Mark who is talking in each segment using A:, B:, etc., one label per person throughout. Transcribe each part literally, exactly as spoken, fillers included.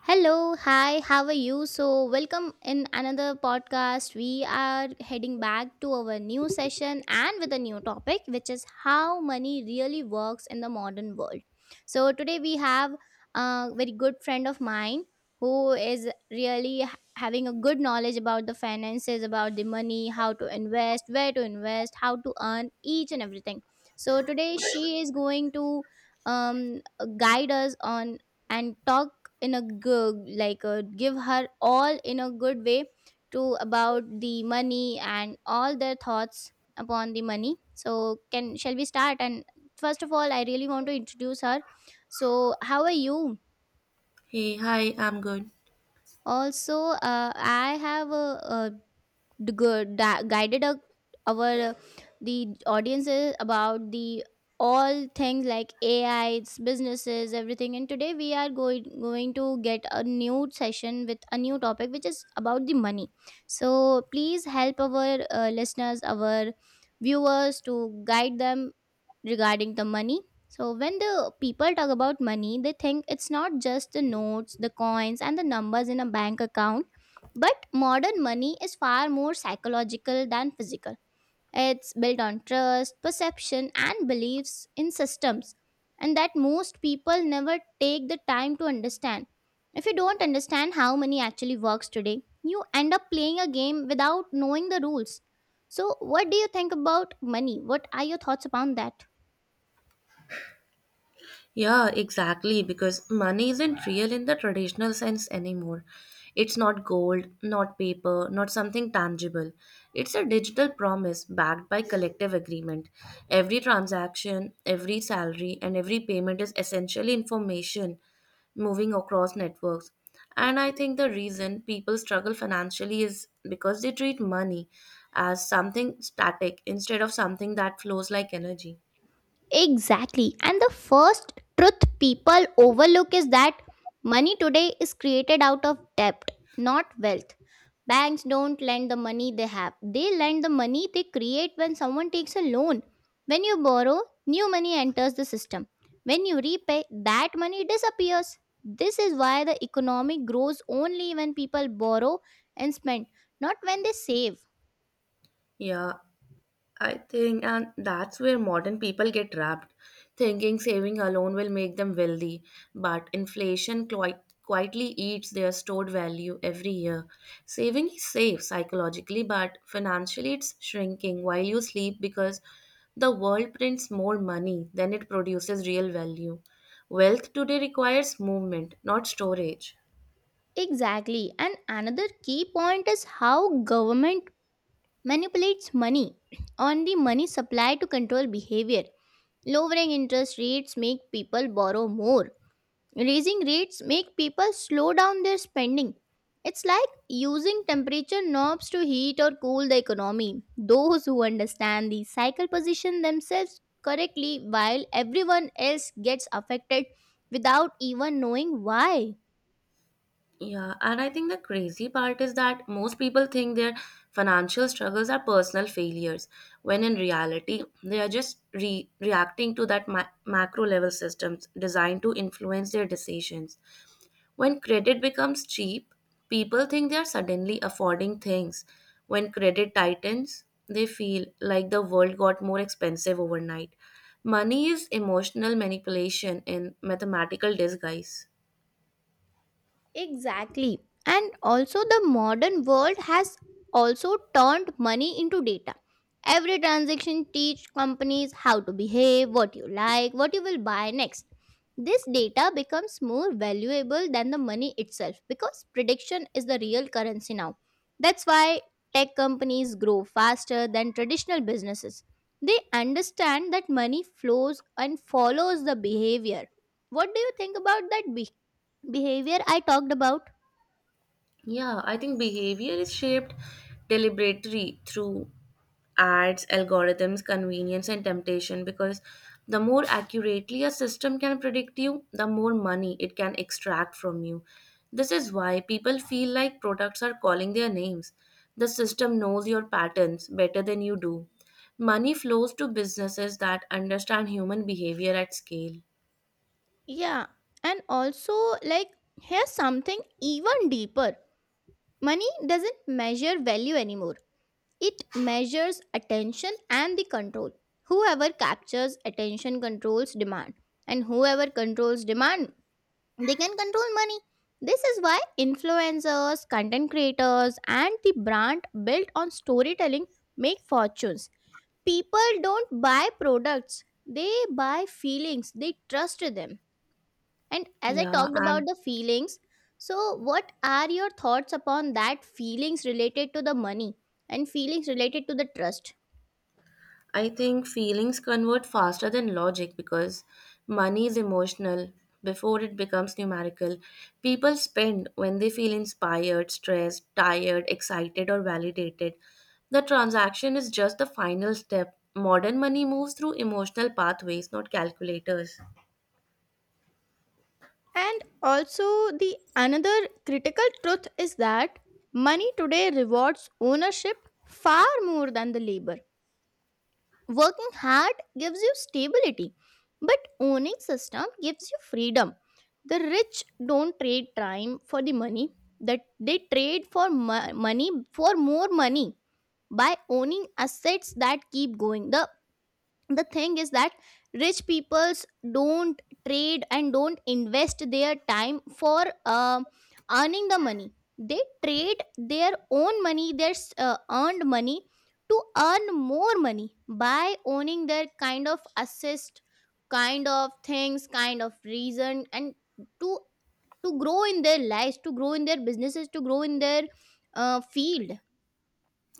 A: Hello, hi, how are you? So, welcome in another podcast. We are heading back to our new session and with a new topic, which is how money really works in the modern world. So, today we have a very good friend of mine who is really ha- having a good knowledge about the finances, about the money, how to invest, where to invest, how to earn each and everything. So, today she is going to um, guide us on and talk in a good like uh, give her all in a good way to about the money and all their thoughts upon the money, so can shall we start? And first of all I really want to introduce her. So how are you
B: Hey, hi, I'm good.
A: also? uh, I have a, a d- gu- da- guided our, our uh, the audiences about the all things like A I, its businesses, everything. And today we are going going to get a new session with a new topic, which is about the money. So please help our uh, listeners, our viewers, to guide them regarding the money. So, when the people talk about money, they think it's not just the notes, the coins, and the numbers in a bank account, but modern money is far more psychological than physical. It's built on trust, perception, and beliefs in systems, and that most people never take the time to understand. If you don't understand how money actually works today, you end up playing a game without knowing the rules. So, what do you think about money? What are your thoughts upon that?
B: Yeah, exactly, because money isn't real in the traditional sense anymore. It's not gold, not paper, not something tangible. It's a digital promise backed by collective agreement. Every transaction, every salary, and every payment is essentially information moving across networks. And I think the reason people struggle financially is because they treat money as something static instead of something that flows like energy.
A: Exactly. And the first truth people overlook is that money today is created out of debt, not wealth. Banks don't lend the money they have, they lend the money they create when someone takes a loan. When you borrow, new money enters the system. When you repay, that money disappears. This is why the economy grows only when people borrow and spend, not when they save.
B: Yeah, I think, and that's where modern people get trapped, thinking saving alone will make them wealthy. But inflation quite, quietly eats their stored value every year. Saving is safe psychologically, but financially it's shrinking while you sleep because the world prints more money than it produces real value. Wealth today requires movement, not storage.
A: Exactly. And another key point is how government manipulates money on the money supply to control behavior. Lowering interest rates make people borrow more. Raising rates make people slow down their spending. It's like using temperature knobs to heat or cool the economy. Those who understand the cycle position themselves correctly while everyone else gets affected without even knowing why.
B: Yeah, and I think the crazy part is that most people think their financial struggles are personal failures, when in reality, they are just re- reacting to that ma- macro level systems designed to influence their decisions. When credit becomes cheap, people think they are suddenly affording things. When credit tightens, they feel like the world got more expensive overnight. Money is emotional manipulation in mathematical disguise.
A: Exactly. And also, the modern world has also turned money into data. Every transaction teach companies how to behave, what you like, what you will buy next. This data becomes more valuable than the money itself because prediction is the real currency now. That's why tech companies grow faster than traditional businesses. They understand that money flows and follows the behavior. What do you think about that? B? Behavior I talked about.
B: Yeah, I think behavior is shaped deliberately through ads, algorithms, convenience, and temptation because the more accurately a system can predict you, the more money it can extract from you. This is why people feel like products are calling their names. The system knows your patterns better than you do. Money flows to businesses that understand human behavior at scale.
A: Yeah, and also, like, here's something even deeper, money doesn't measure value anymore, it measures attention and the control. Whoever captures attention controls demand, and whoever controls demand, they can control money. This is why influencers, content creators, and the brand built on storytelling make fortunes. People don't buy products, they buy feelings, they trust them. And as I
B: Yeah,
A: talked about
B: and
A: the feelings, so what are your thoughts upon that feelings related to the money and feelings related to the trust?
B: I think feelings convert faster than logic because money is emotional before it becomes numerical. People spend when they feel inspired, stressed, tired, excited, or validated. The transaction is just the final step. Modern money moves through emotional pathways, not calculators.
A: And also, the another critical truth is that money today rewards ownership far more than the labor. Working hard gives you stability, but owning system gives you freedom. The rich don't trade time for the money that they trade for mo- money for more money by owning assets that keep going. The the thing is that rich peoples don't trade and don't invest their time for uh, earning the money, they trade their own money, their s- uh, earned money to earn more money by owning their kind of assist, kind of things, kind of reason, and to to grow in their lives, to grow in their businesses, to grow in their uh, field.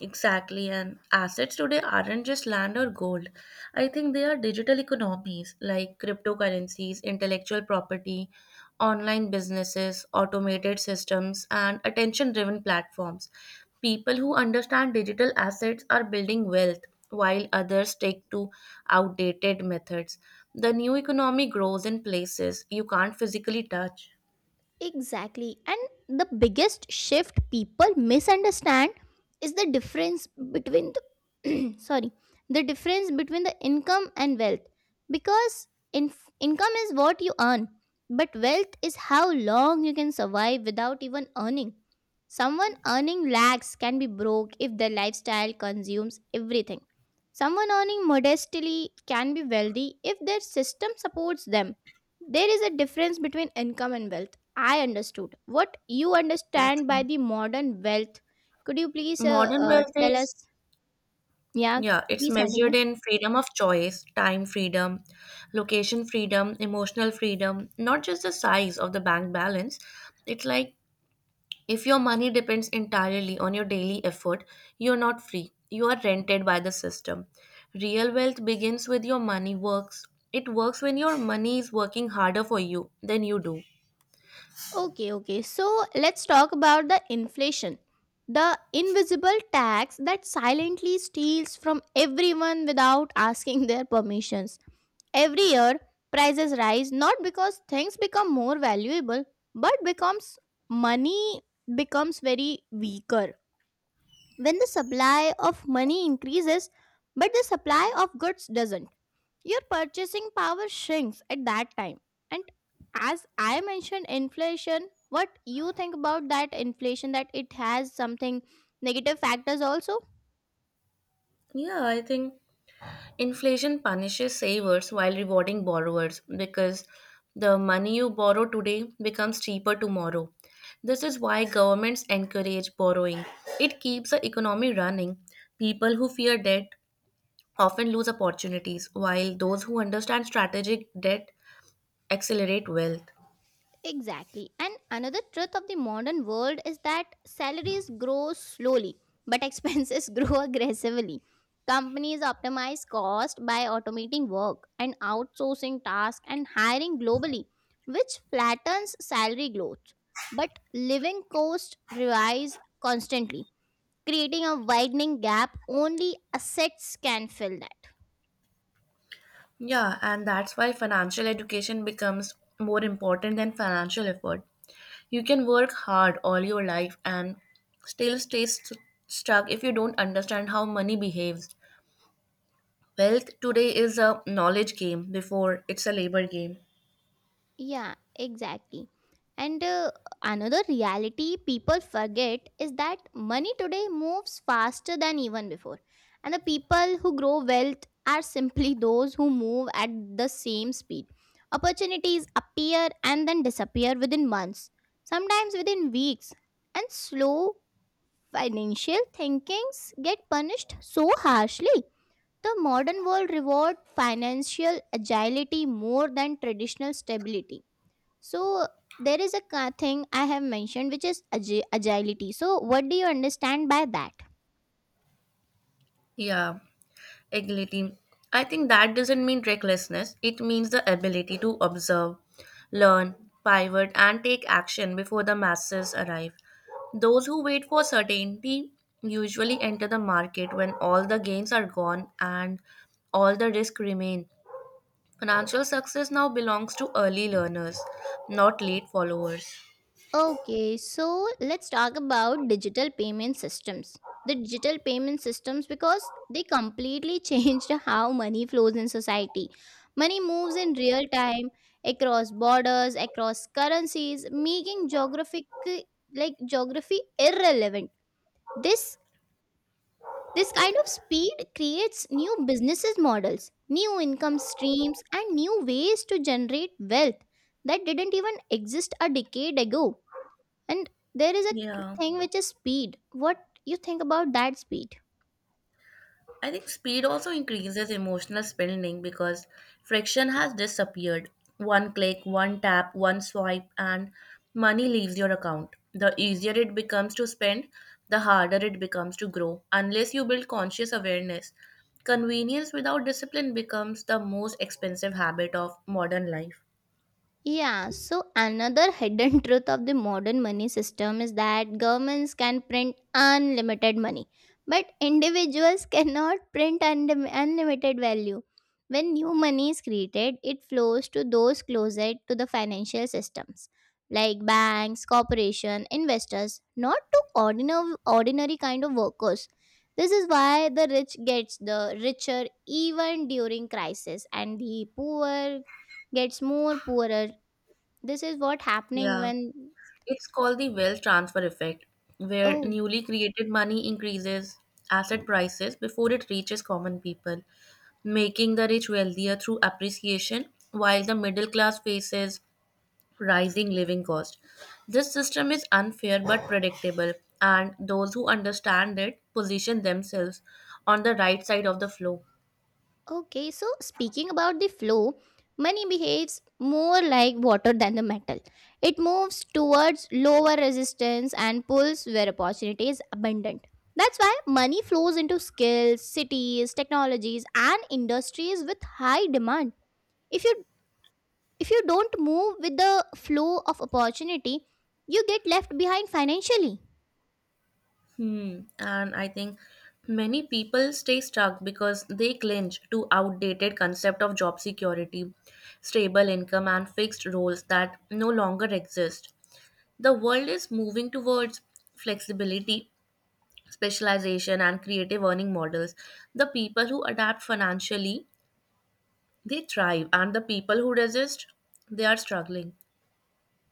B: Exactly, and assets today aren't just land or gold. I think they are digital economies like cryptocurrencies, intellectual property, online businesses, automated systems, and attention driven platforms. People who understand digital assets are building wealth, while others stick to outdated methods. The new economy grows in places you can't physically touch.
A: Exactly. And the biggest shift people misunderstand is the difference between the sorry, the difference between the income and wealth because in, income is what you earn, but wealth is how long you can survive without even earning. Someone earning lakhs can be broke if their lifestyle consumes everything. Someone earning modestly can be wealthy if their system supports them. There is a difference between income and wealth. I understood what you
B: So
A: understand by
B: true.
A: the modern wealth. Could you please uh,
B: Modern
A: uh,
B: wealth
A: tell
B: is.
A: us? Yeah,
B: Yeah, it's
A: please
B: measured
A: continue.
B: in freedom of choice, time freedom, location freedom, emotional freedom, not just the size of the bank balance. It's like if your money depends entirely on your daily effort, you're not free. You are rented by the system. Real wealth begins with your money works. It works when your money is working harder for you than you do.
A: Okay, okay. So let's talk about the inflation, the invisible tax that silently steals from everyone without asking their permissions. Every year, prices rise not because things become more valuable, but becomes money becomes very weaker when the supply of money increases but the supply of goods doesn't, your purchasing power shrinks at that time. And as I mentioned inflation, what you think about that inflation, that it has something negative factors also?
B: Yeah, I think inflation punishes savers while rewarding borrowers because the money you borrow today becomes cheaper tomorrow. This is why governments encourage borrowing. It keeps the economy running. People who fear debt often lose opportunities, while those who understand strategic debt accelerate wealth.
A: Exactly. And another truth of the modern world is that salaries grow slowly, but expenses grow aggressively. Companies optimize cost by automating work and outsourcing tasks and hiring globally, which flattens salary growth. But living costs rise constantly, creating a widening gap only assets can fill that.
B: Yeah, and that's why financial education becomes more important than financial effort. You can work hard all your life and still stay st- stuck if you don't understand how money behaves. Wealth today is a knowledge game before it's a labor game.
A: Yeah, exactly. And uh, another reality people forget is that money today moves faster than even before. And the people who grow wealth are simply those who move at the same speed. Opportunities appear and then disappear within months, sometimes within weeks. And slow financial thinkings get punished so harshly. The modern world reward financial agility more than traditional stability, so there is a ca- thing I have mentioned which is agi- agility. So what do you understand by that?
B: Yeah. Agility. I think that doesn't mean recklessness. It means the ability to observe, learn, pivot, and take action before the masses arrive. Those who wait for certainty usually enter the market when all the gains are gone and all the risks remain. Financial success now belongs to early learners, not late followers.
A: Okay, so let's talk about digital payment systems. The digital payment systems because they completely changed how money flows in society. Money moves in real time across borders, across currencies, making geographic like geography irrelevant. This This kind of speed creates new businesses models, new income streams, and new ways to generate wealth that didn't even exist a decade ago. And there is a
B: Yeah.
A: thing which is speed. What you think about that speed?
B: I think speed also increases emotional spending because friction has disappeared. One click, one tap, one swipe, and money leaves your account. The easier it becomes to spend, the harder it becomes to grow. Unless you build conscious awareness, convenience without discipline becomes the most expensive habit of modern life.
A: Yeah, so another hidden truth of the modern money system is that governments can print unlimited money, but individuals cannot print unlim- unlimited value. When new money is created, it flows to those closest to the financial systems, like banks, corporation, investors, not to ordinary ordinary kind of workers. This is why the rich gets the richer even during crisis, and the poor gets more poorer. This is what happening
B: Yeah.
A: when
B: It's called the wealth transfer effect, where
A: oh
B: newly created money increases asset prices before it reaches common people, making the rich wealthier through appreciation, while the middle class faces rising living costs. This system is unfair but predictable, and those who understand it position themselves on the right side of the flow.
A: okay. So speaking about the flow, money behaves more like water than the metal. It moves towards lower resistance and pulls where opportunity is abundant. That's why money flows into skills, cities, technologies, and industries with high demand. if you if you don't move with the flow of opportunity, you get left behind financially.
B: Hmm. And I think many people stay stuck because they cling to outdated concept of job security, stable income, and fixed roles that no longer exist. The world is moving towards flexibility, specialization, and creative earning models. The people who adapt financially, they thrive, and the people who resist, they are struggling.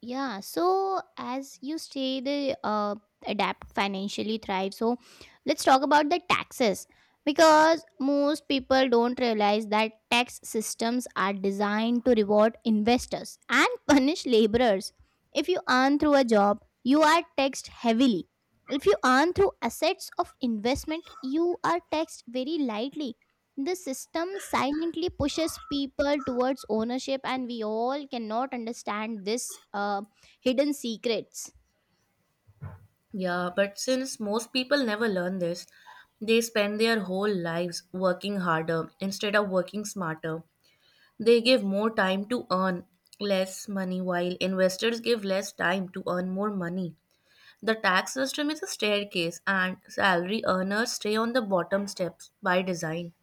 A: Yeah, so as you say, the uh, adapt financially thrive. So let's talk about the taxes because most people don't realize that tax systems are designed to reward investors and punish laborers. If you earn through a job, you are taxed heavily. If you earn through assets of investment, you are taxed very lightly. The system silently pushes people towards ownership, and we all cannot understand this uh, hidden secrets.
B: Yeah, but since most people never learn this, they spend their whole lives working harder instead of working smarter. They give more time to earn less money while investors give less time to earn more money. The tax system is a staircase and salary earners stay on the bottom steps by design.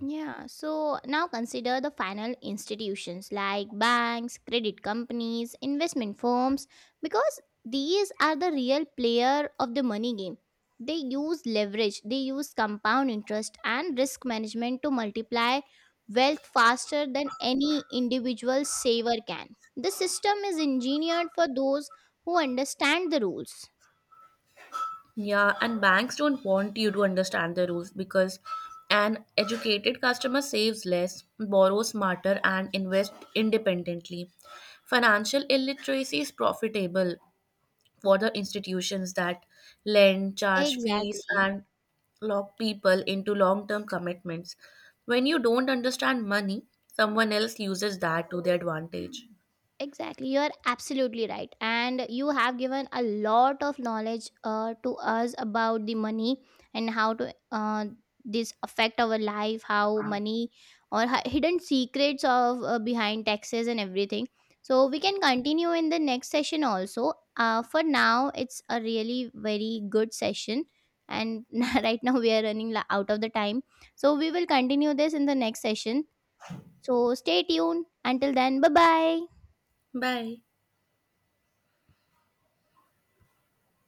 A: Yeah, so now consider the final institutions like banks, credit companies, investment firms, because these are the real player of the money game. They use leverage, they use compound interest and risk management to multiply wealth faster than any individual saver can. The system is engineered for those who understand the rules.
B: Yeah, and banks don't want you to understand the rules because an educated customer saves less, borrows smarter, and invests independently. Financial illiteracy is profitable for the institutions that lend, charge fees,
A: Exactly.
B: and lock people into long term commitments. When you don't understand money, someone else uses that to their advantage.
A: Exactly, you're absolutely right. And you have given a lot of knowledge uh, to us about the money and how to uh, this affect our life, how money or hi- hidden secrets of uh, behind taxes and everything. So we can continue in the next session also. Uh, for now, it's a really very good session, and right now we are running la- out of the time. So we will continue this in the next session. So stay tuned. Until then, bye bye.
B: Bye.